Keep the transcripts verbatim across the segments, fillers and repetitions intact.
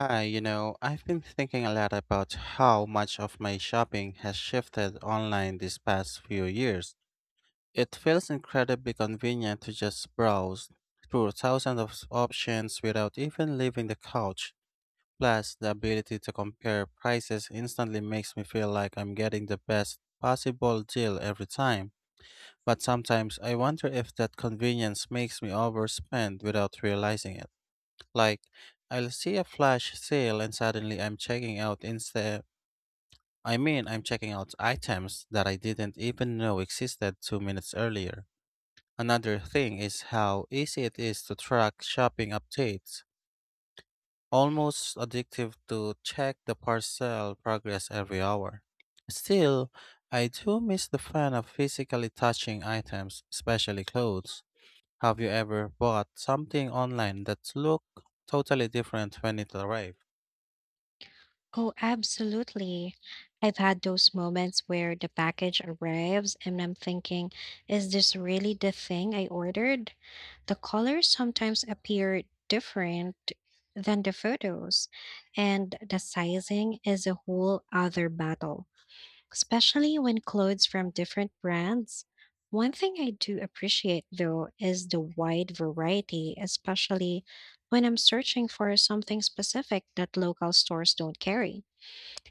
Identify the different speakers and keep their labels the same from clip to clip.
Speaker 1: Hi, you know, I've been thinking a lot about how much of my shopping has shifted online these past few years. It feels incredibly convenient to just browse through thousands of options without even leaving the couch. Plus, the ability to compare prices instantly makes me feel like I'm getting the best possible deal every time. But sometimes I wonder if that convenience makes me overspend without realizing it. Like, I'll see a flash sale and suddenly I'm checking out instead. I mean, I'm checking out items that I didn't even know existed two minutes earlier. Another thing is how easy it is to track shopping updates. Almost addictive to check the parcel progress every hour. Still, I do miss the fun of physically touching items, especially clothes. Have you ever bought something online that looked totally different when it arrived?
Speaker 2: Oh, absolutely. I've had those moments where the package arrives and I'm thinking, is this really the thing I ordered? The colors sometimes appear different than the photos, and the sizing is a whole other battle, especially when clothes from different brands. One thing I do appreciate though is the wide variety, especially when I'm searching for something specific that local stores don't carry.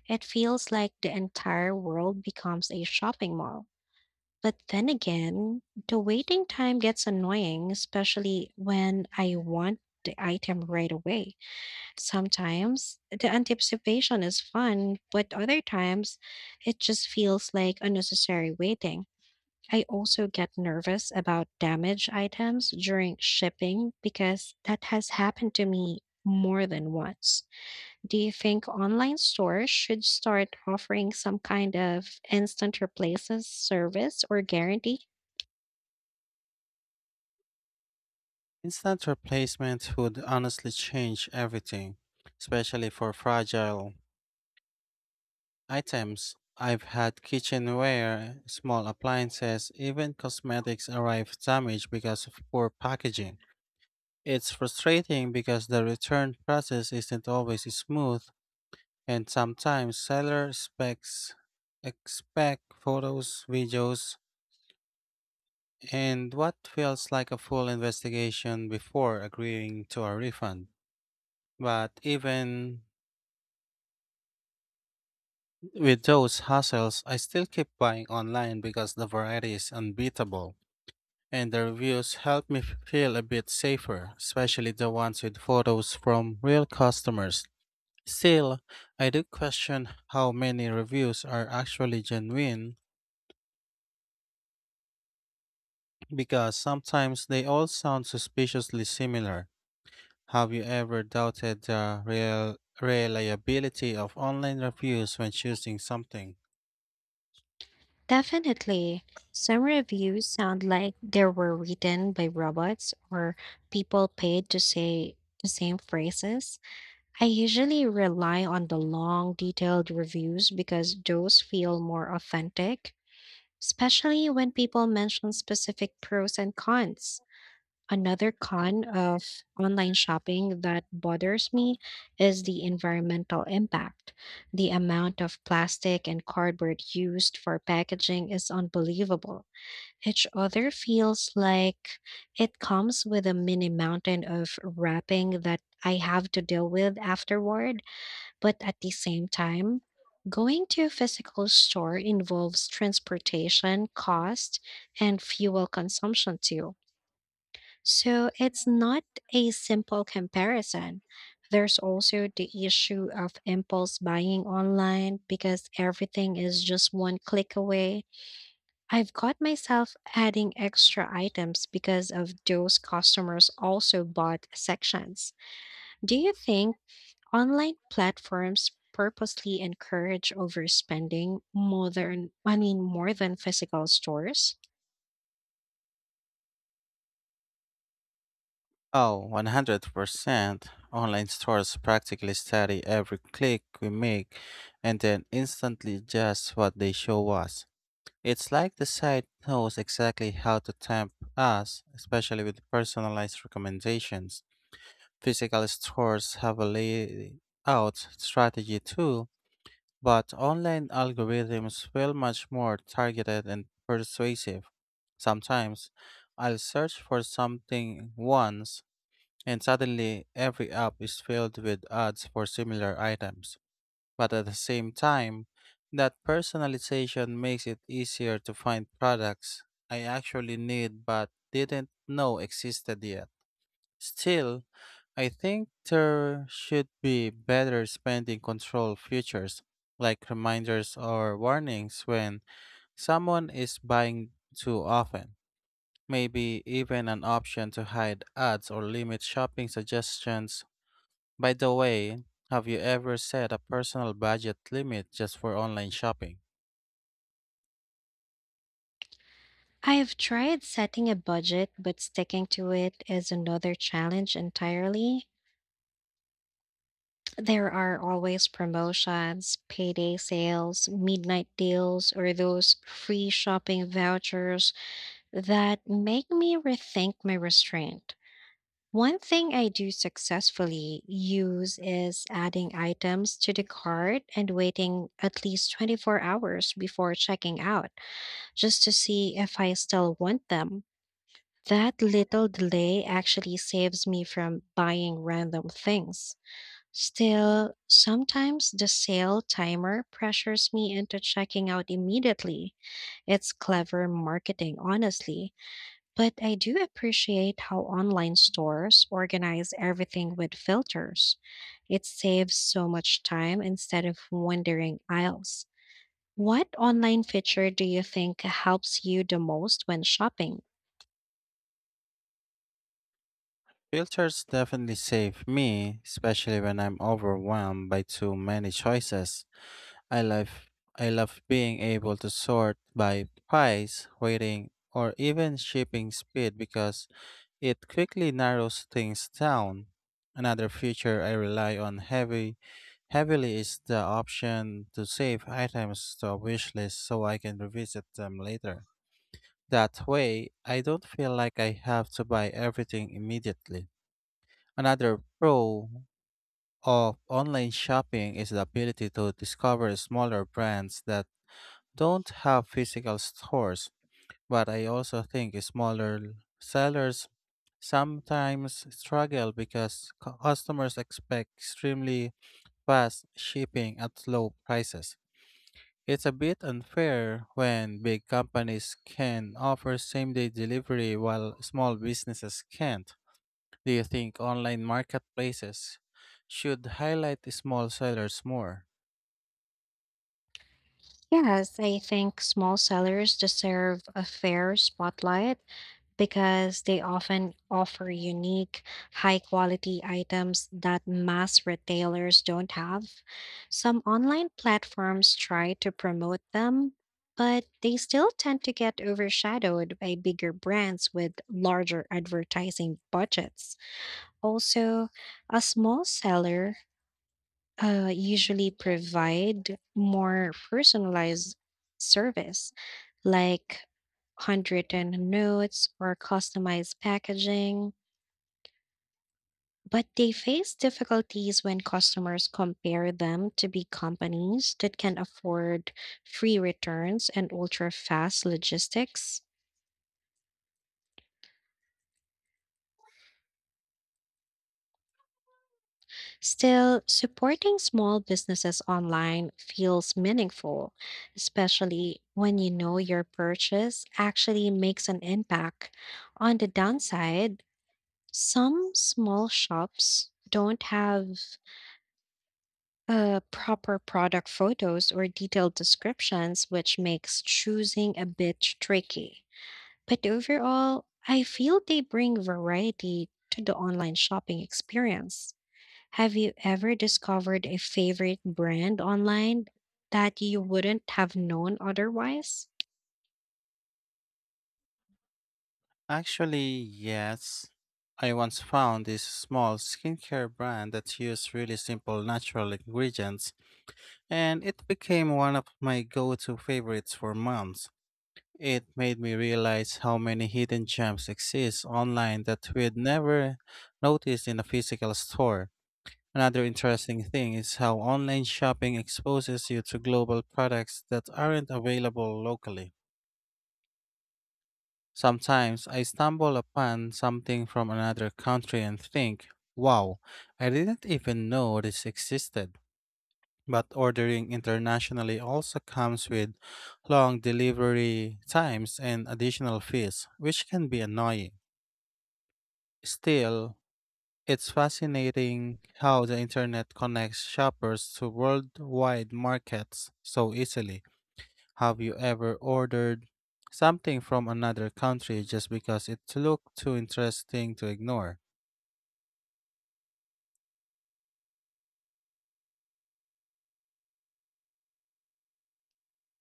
Speaker 2: It feels like the entire world becomes a shopping mall. But then again, the waiting time gets annoying, especially when I want the item right away. Sometimes the anticipation is fun, but other times it just feels like unnecessary waiting. I also get nervous about damaged items during shipping because that has happened to me more than once. Do you think online stores should start offering some kind of instant replaces service or guarantee?
Speaker 1: Instant replacement would honestly change everything, especially for fragile items. I've had kitchenware, small appliances, even cosmetics arrive damaged because of poor packaging. It's frustrating because the return process isn't always smooth, and sometimes seller specs expect photos, videos, and what feels like a full investigation before agreeing to a refund. But even with those hassles, I still keep buying online because the variety is unbeatable, and the reviews help me f- feel a bit safer, especially the ones with photos from real customers. Still, I do question how many reviews are actually genuine because sometimes they all sound suspiciously similar. Have you ever doubted the real reliability of online reviews when choosing something?
Speaker 2: Definitely. Some reviews sound like they were written by robots or people paid to say the same phrases. I usually rely on the long, detailed reviews because those feel more authentic, especially when people mention specific pros and cons. Another con of online shopping that bothers me is the environmental impact. The amount of plastic and cardboard used for packaging is unbelievable. Each other feels like it comes with a mini mountain of wrapping that I have to deal with afterward, but at the same time, going to a physical store involves transportation, cost, and fuel consumption too, so it's not a simple comparison. There's also the issue of impulse buying online because everything is just one click away. I've caught myself adding extra items because of those customers also bought sections. Do you think online platforms purposely encourage overspending more than, I mean, more than physical stores?
Speaker 1: Oh, one hundred percent. Online stores practically study every click we make and then instantly adjust what they show us. It's like the site knows exactly how to tempt us, especially with personalized recommendations. Physical stores have a layout strategy too, but online algorithms feel much more targeted and persuasive. Sometimes I'll search for something once and suddenly, every app is filled with ads for similar items. But at the same time, that personalization makes it easier to find products I actually need but didn't know existed yet. Still, I think there should be better spending control features like reminders or warnings when someone is buying too often. Maybe even an option to hide ads or limit shopping suggestions. By the way, have you ever set a personal budget limit just for online shopping?
Speaker 2: I've tried setting a budget, but sticking to it is another challenge entirely. There are always promotions, payday sales, midnight deals, or those free shopping vouchers that make me rethink my restraint. One thing I do successfully use is adding items to the cart and waiting at least twenty-four hours before checking out just to see if I still want them. That little delay actually saves me from buying random things. Still, sometimes the sale timer pressures me into checking out immediately. It's clever marketing, honestly, but I do appreciate how online stores organize everything with filters. It saves so much time instead of wandering aisles. What online feature do you think helps you the most when shopping?
Speaker 1: Filters definitely save me, especially when I'm overwhelmed by too many choices. I love I love being able to sort by price, weighting, or even shipping speed because it quickly narrows things down. Another feature I rely on heavy heavily is the option to save items to a wish list so I can revisit them later. That way, I don't feel like I have to buy everything immediately. Another pro of online shopping is the ability to discover smaller brands that don't have physical stores, but I also think smaller l- sellers sometimes struggle because cu- customers expect extremely fast shipping at low prices. It's a bit unfair when big companies can offer same day delivery while small businesses can't. Do you think online marketplaces should highlight the small sellers more?
Speaker 2: Yes, I think small sellers deserve a fair spotlight because they often offer unique, high quality items that mass retailers don't have. Some online platforms try to promote them, but they still tend to get overshadowed by bigger brands with larger advertising budgets. Also, a small seller uh, usually provide more personalized service like handwritten notes or customized packaging, but they face difficulties when customers compare them to big companies that can afford free returns and ultra fast logistics. Still, supporting small businesses online feels meaningful, especially when you know your purchase actually makes an impact. On the downside, some small shops don't have uh, proper product photos or detailed descriptions, which makes choosing a bit tricky. But overall, I feel they bring variety to the online shopping experience. Have you ever discovered a favorite brand online that you wouldn't have known otherwise?
Speaker 1: Actually, yes. I once found this small skincare brand that used really simple natural ingredients, and it became one of my go to favorites for months. It made me realize how many hidden gems exist online that we'd never noticed in a physical store. Another interesting thing is how online shopping exposes you to global products that aren't available locally. Sometimes I stumble upon something from another country and think, wow, I didn't even know this existed. But ordering internationally also comes with long delivery times and additional fees, which can be annoying. Still, it's fascinating how the internet connects shoppers to worldwide markets so easily. Have you ever ordered something from another country just because it looked too interesting to ignore?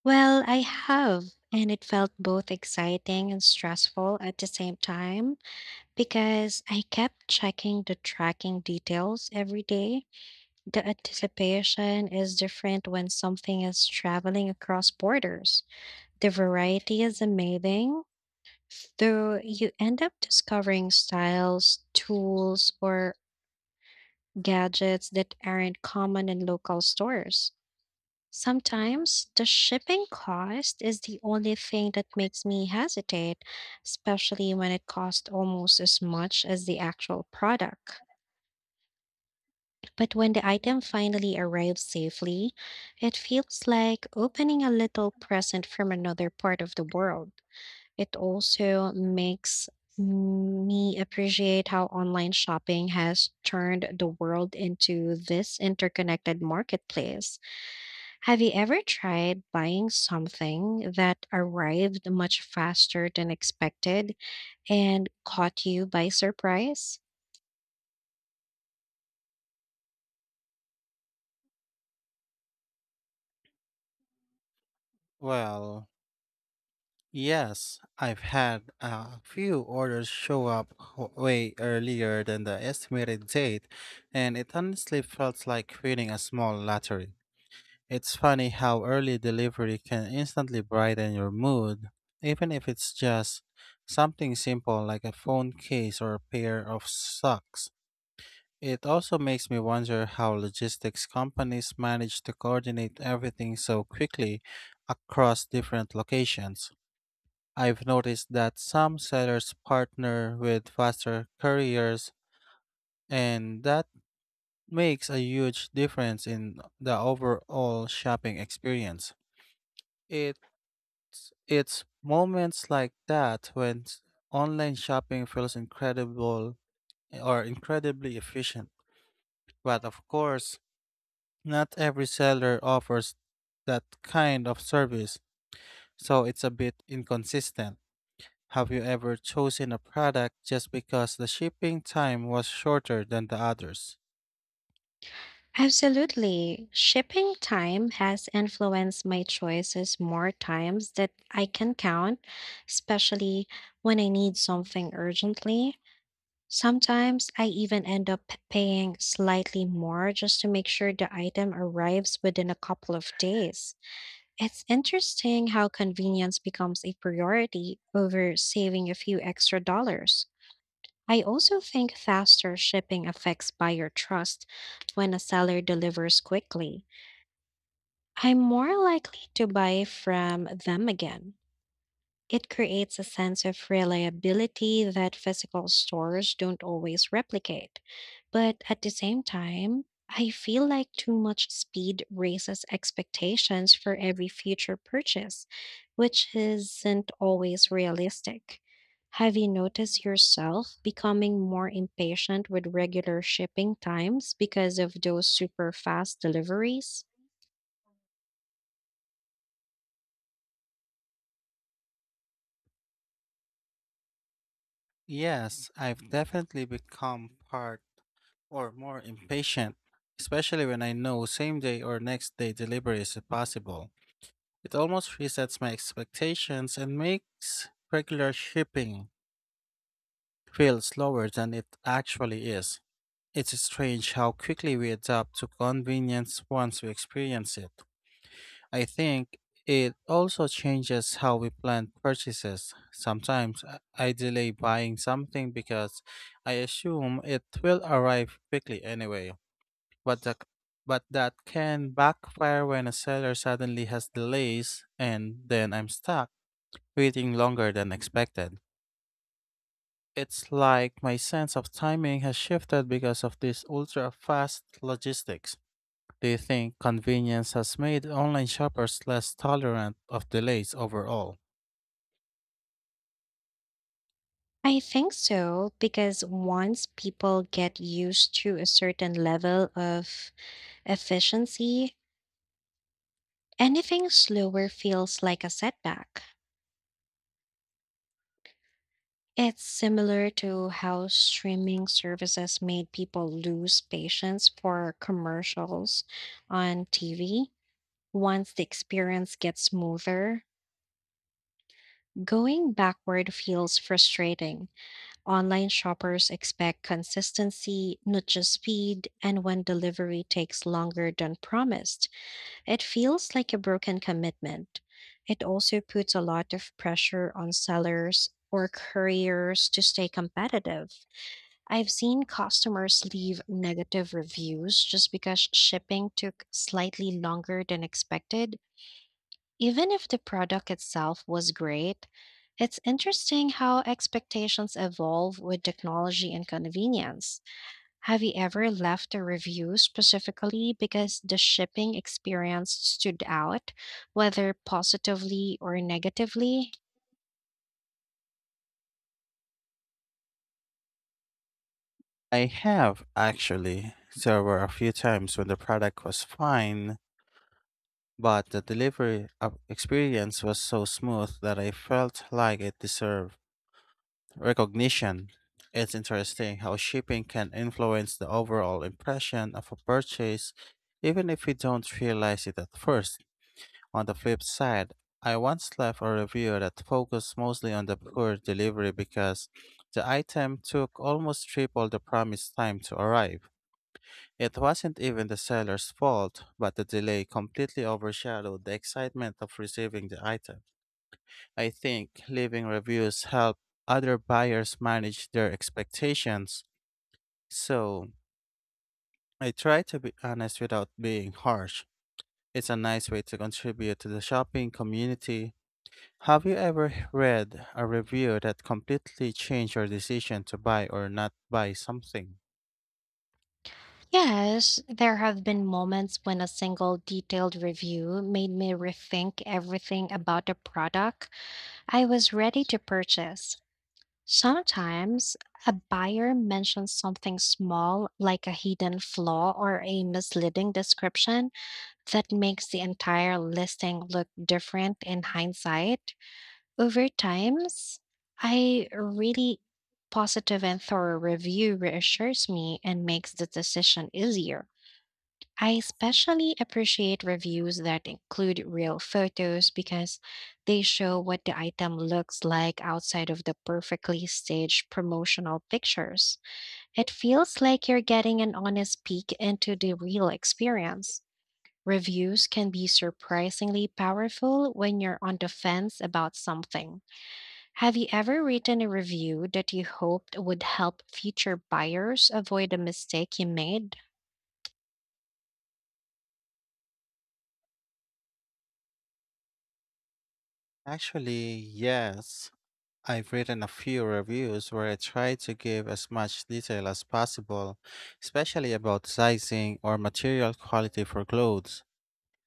Speaker 2: Well, I have, and it felt both exciting and stressful at the same time because I kept checking the tracking details every day. The anticipation is different when something is traveling across borders. The variety is amazing, though you end up discovering styles, tools, or gadgets that aren't common in local stores. Sometimes the shipping cost is the only thing that makes me hesitate, especially when it costs almost as much as the actual product. But when the item finally arrives safely, it feels like opening a little present from another part of the world. It also makes me appreciate how online shopping has turned the world into this interconnected marketplace. Have you ever tried buying something that arrived much faster than expected and caught you by surprise?
Speaker 1: Well, yes, I've had a few orders show up wh- way earlier than the estimated date, and it honestly felt like winning a small lottery. It's funny how early delivery can instantly brighten your mood, even if it's just something simple like a phone case or a pair of socks. It also makes me wonder how logistics companies manage to coordinate everything so quickly across different locations. I've noticed that some sellers partner with faster couriers, and that makes a huge difference in the overall shopping experience. It it's moments like that when s- online shopping feels incredible or incredibly efficient. But of course, not every seller offers that kind of service, so it's a bit inconsistent. Have you ever chosen a product just because the shipping time was shorter than the others?
Speaker 2: Absolutely. Shipping time has influenced my choices more times that I can count, especially when I need something urgently. Sometimes I even end up p- paying slightly more just to make sure the item arrives within a couple of days. It's interesting how convenience becomes a priority over saving a few extra dollars. I also think faster shipping affects buyer trust when a seller delivers quickly. I'm more likely to buy from them again. It creates a sense of reliability that physical stores don't always replicate. But at the same time, I feel like too much speed raises expectations for every future purchase, which isn't always realistic. Have you noticed yourself becoming more impatient with regular shipping times because of those super fast deliveries?
Speaker 1: Yes, I've definitely become part or more impatient, especially when I know same day or next day delivery is possible. It almost resets my expectations and makes regular shipping feel slower than it actually is. It's strange how quickly we adapt to convenience once we experience it. I think it also changes how we plan purchases. Sometimes I I delay buying something because I assume it will arrive quickly anyway. But the, but that can backfire when a seller suddenly has delays and then I'm stuck waiting longer than expected. It's like my sense of timing has shifted because of this ultra fast logistics. Do you think convenience has made online shoppers less tolerant of delays overall?
Speaker 2: I think so, because once people get used to a certain level of efficiency, anything slower feels like a setback. It's similar to how streaming services made people lose patience for commercials on T V. Once the experience gets smoother, going backward feels frustrating. Online shoppers expect consistency, not just speed, and when delivery takes longer than promised, it feels like a broken commitment. It also puts a lot of pressure on sellers or couriers to stay competitive. I've seen customers leave negative reviews just because shipping took slightly longer than expected even if the product itself was great. It's interesting how expectations evolve with technology and convenience. Have you ever left a review specifically because the shipping experience stood out, whether positively or negatively?
Speaker 1: I have, actually. So, there were a few times when the product was fine, but the delivery of- experience was so smooth that I felt like it deserved recognition. It's interesting how shipping can influence the overall impression of a purchase, even if we don't realize it at first. On the flip side, I once left a review that focused mostly on the poor delivery because the item took almost triple the promised time to arrive. It wasn't even the seller's fault, but the delay completely overshadowed the excitement of receiving the item. I think leaving reviews help other buyers manage their expectations, so I try to be honest without being harsh. It's a nice way to contribute to the shopping community. Have you ever read a review that completely changed your decision to buy or not buy something?
Speaker 2: Yes, there have been moments when a single detailed review made me rethink everything about the product I was ready to purchase. Sometimes a buyer mentions something small, like a hidden flaw or a misleading description, that makes the entire listing look different in hindsight. Over times, I really positive and thorough review reassures me and makes the decision easier. I especially appreciate reviews that include real photos because they show what the item looks like outside of the perfectly staged promotional pictures. It feels like you're getting an honest peek into the real experience. Reviews can be surprisingly powerful when you're on the fence about something. Have you ever written a review that you hoped would help future buyers avoid a mistake you made?
Speaker 1: Actually, yes. I've written a few reviews where I try to give as much detail as possible, especially about sizing or material quality for clothes.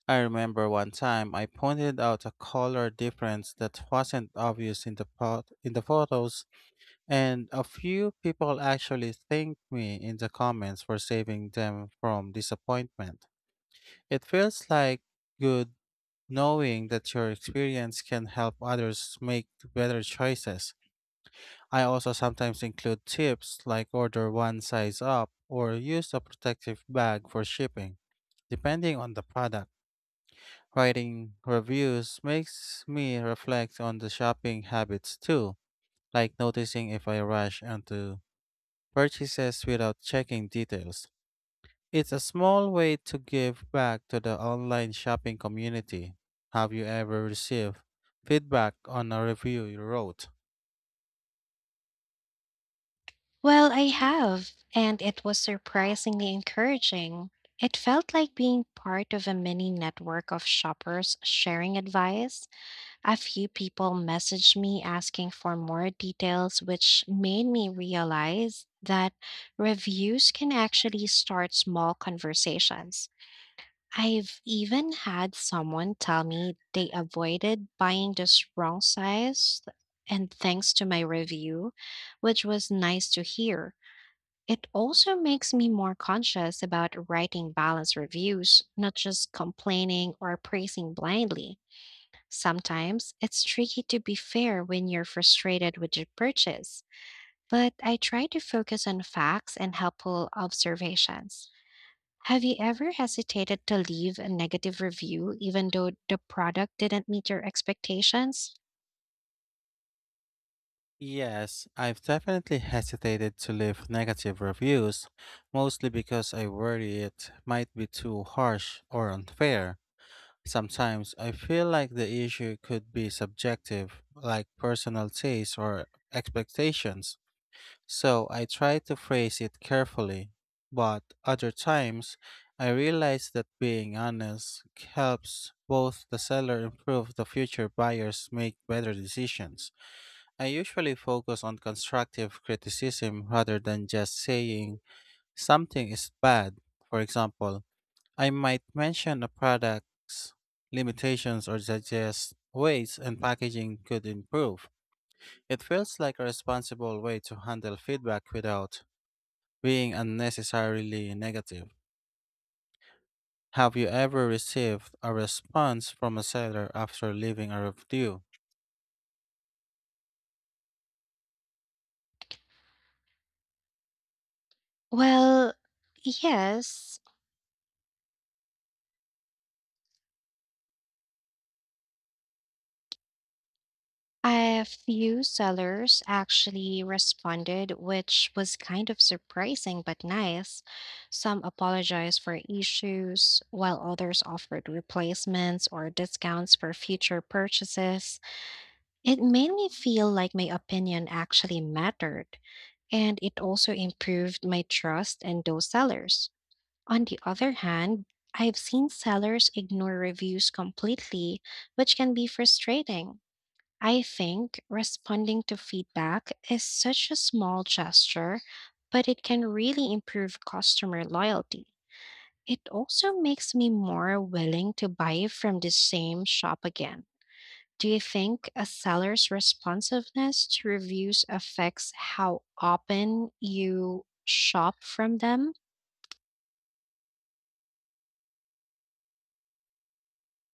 Speaker 1: I remember one time I pointed out a color difference that wasn't obvious in the pot- in the photos. And a few people actually thanked me in the comments for saving them from disappointment. It feels like good knowing that your experience can help others make better choices. I also sometimes include tips like order one size up or use a protective bag for shipping, depending on the product. Writing reviews makes me reflect on the shopping habits too, like noticing if I rush into purchases without checking details. It's a small way to give back to the online shopping community. Have you ever received feedback on a review you wrote?
Speaker 2: Well, I have, and it was surprisingly encouraging. It felt like being part of a mini network of shoppers sharing advice. A few people messaged me asking for more details, which made me realize that reviews can actually start small conversations. I've even had someone tell me they avoided buying this wrong size, and thanks to my review, which was nice to hear. It also makes me more conscious about writing balanced reviews, not just complaining or praising blindly. Sometimes it's tricky to be fair when you're frustrated with your purchase, but I try to focus on facts and helpful observations. Have you ever hesitated to leave a negative review even though the product didn't meet your expectations?
Speaker 1: Yes, I've definitely hesitated to leave negative reviews, mostly because I worry it might be too harsh or unfair. Sometimes I feel like the issue could be subjective, like personal taste or expectations. So I try to phrase it carefully, but other times I realize that being honest helps both the seller improve the future buyers make better decisions. I usually focus on constructive criticism rather than just saying something is bad. For example, I might mention a product's limitations or suggest ways and packaging could improve. It feels like a responsible way to handle feedback without being unnecessarily negative. Have you ever received a response from a seller after leaving a review?
Speaker 2: Well, yes, a few sellers actually responded, which was kind of surprising but nice. Some apologized for issues, while others offered replacements or discounts for future purchases. It made me feel like my opinion actually mattered, and it also improved my trust in those sellers. On the other hand, I've seen sellers ignore reviews completely, which can be frustrating. I think responding to feedback is such a small gesture, but it can really improve customer loyalty. It also makes me more willing to buy from the same shop again. Do you think a seller's responsiveness to reviews affects how often you shop from them?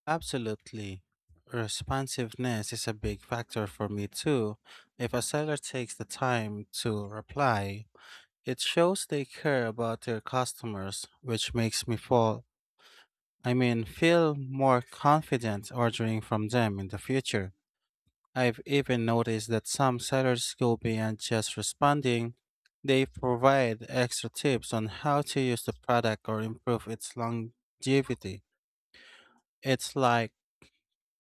Speaker 1: Absolutely. Responsiveness is a big factor for me too. If a seller takes the time to reply, it shows they care about their customers, which makes me fall, I mean, feel more confident ordering from them in the future. I've even noticed that some sellers go beyond just responding, they provide extra tips on how to use the product or improve its longevity. It's like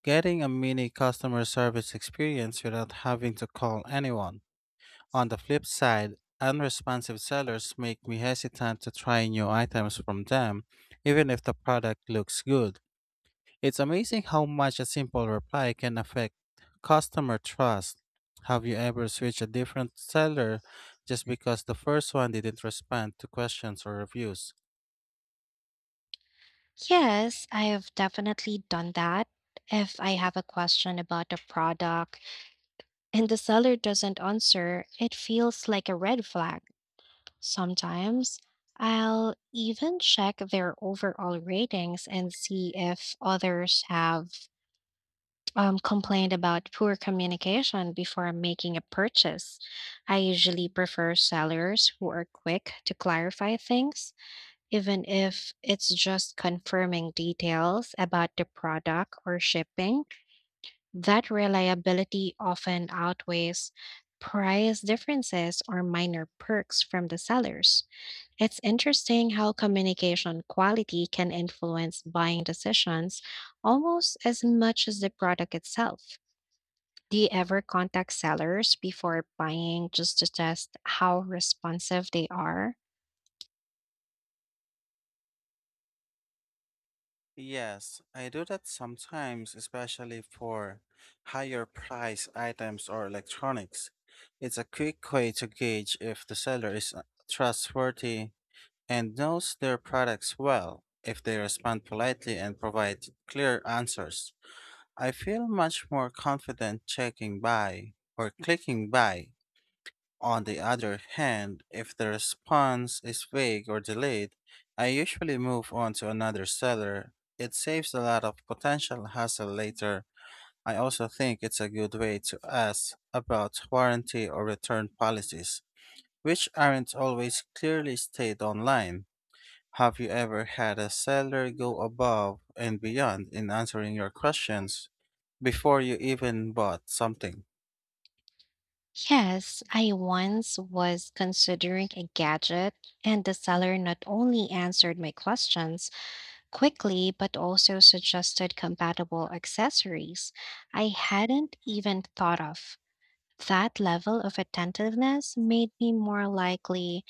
Speaker 1: getting a mini customer service experience without having to call anyone. On the flip side, unresponsive sellers make me hesitant to try new items from them, even if the product looks good. It's amazing how much a simple reply can affect customer trust. Have you ever switched a different seller just because the first one didn't respond to questions or reviews?
Speaker 2: Yes, I have definitely done that. If I have a question about a product, and the seller doesn't answer, it feels like a red flag. Sometimes I'll even check their overall ratings and see if others have um, complained about poor communication before making a purchase. I usually prefer sellers who are quick to clarify things, even if it's just confirming details about the product or shipping. That reliability often outweighs price differences or minor perks from the sellers. It's interesting how communication quality can influence buying decisions almost as much as the product itself. Do you ever contact sellers before buying just to test how responsive they are?
Speaker 1: Yes, I do that sometimes, especially for higher price items or electronics. It's a quick way to gauge if the seller is uh, trustworthy and knows their products well, if they respond politely and provide clear answers. I feel much more confident checking buy or clicking buy. On the other hand, if the response is vague or delayed, I usually move on to another seller. It saves a lot of potential hassle later. I also think it's a good way to ask about warranty or return policies, which aren't always clearly stated online. Have you ever had a seller go above and beyond in answering your questions before you even bought something?
Speaker 2: Yes, I once was considering a gadget, and the seller not only answered my questions, quickly, but also suggested compatible accessories I hadn't even thought of. That level of attentiveness made me more likely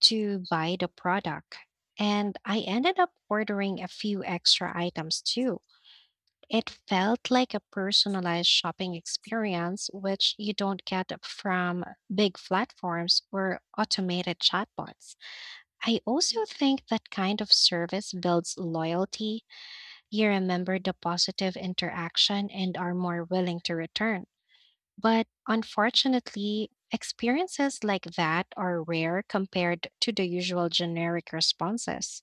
Speaker 2: to buy the product, and I ended up ordering a few extra items too. It felt like a personalized shopping experience, which you don't get from big platforms or automated chatbots. I also think that kind of service builds loyalty. You remember the positive interaction and are more willing to return. But unfortunately, experiences like that are rare compared to the usual generic responses.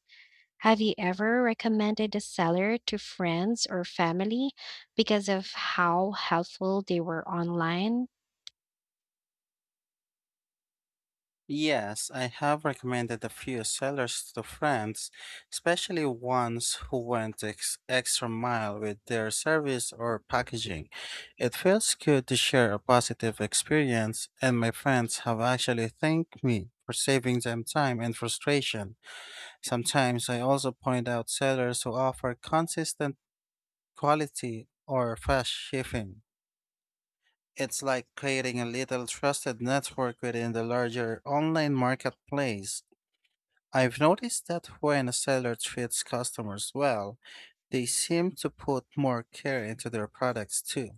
Speaker 2: Have you ever recommended a seller to friends or family because of how helpful they were online?
Speaker 1: Yes, I have recommended a few sellers to friends, especially ones who went ex- extra mile with their service or packaging. It feels good to share a positive experience, and my friends have actually thanked me for saving them time and frustration. Sometimes I also point out sellers who offer consistent quality, or fast shipping. It's like creating a little trusted network within the larger online marketplace. I've noticed that when a seller treats customers well, they seem to put more care into their products too.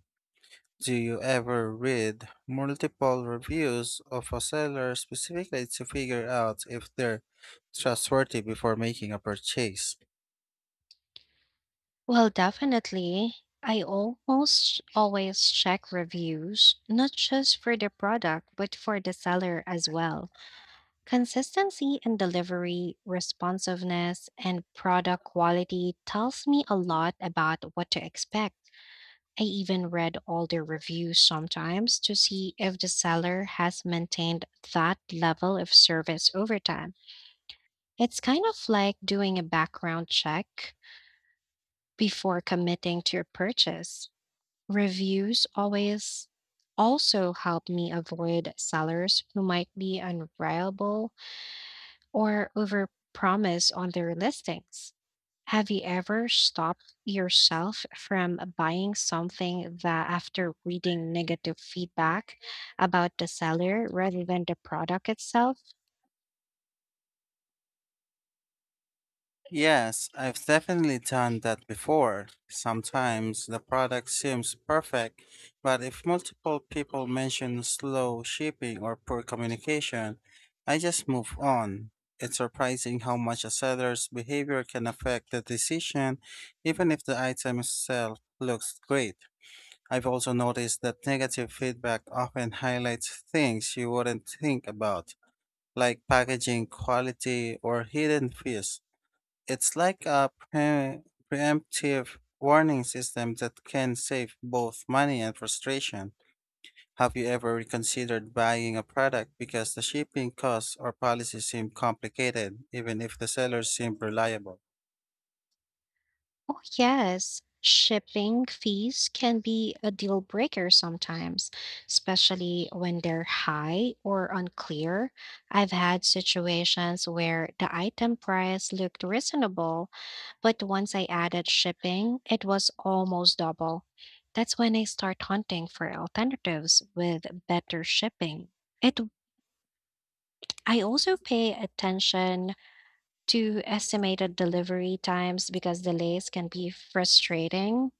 Speaker 1: Do you ever read multiple reviews of a seller specifically to figure out if they're trustworthy before making a purchase?
Speaker 2: Well, definitely. I almost always check reviews, not just for the product, but for the seller as well. Consistency in delivery, responsiveness, and product quality tells me a lot about what to expect. I even read all their reviews sometimes to see if the seller has maintained that level of service over time. It's kind of like doing a background check before committing to a purchase. Reviews always also help me avoid sellers who might be unreliable or overpromise on their listings. Have you ever stopped yourself from buying something that after reading negative feedback about the seller rather than the product itself?
Speaker 1: Yes, I've definitely done that before. Sometimes the product seems perfect, but if multiple people mention slow shipping or poor communication, I just move on. It's surprising how much a seller's behavior can affect the decision, even if the item itself looks great. I've also noticed that negative feedback often highlights things you wouldn't think about, like packaging quality or hidden fees. It's like a pre- preemptive warning system that can save both money and frustration. Have you ever reconsidered buying a product because the shipping costs or policies seem complicated, even if the sellers seem reliable?
Speaker 2: Oh, yes. Shipping fees can be a deal breaker sometimes, especially when they're high or unclear. I've had situations where the item price looked reasonable, but once I added shipping, it was almost double. That's when I start hunting for alternatives with better shipping. It I also pay attention to estimated delivery times because delays can be frustrating.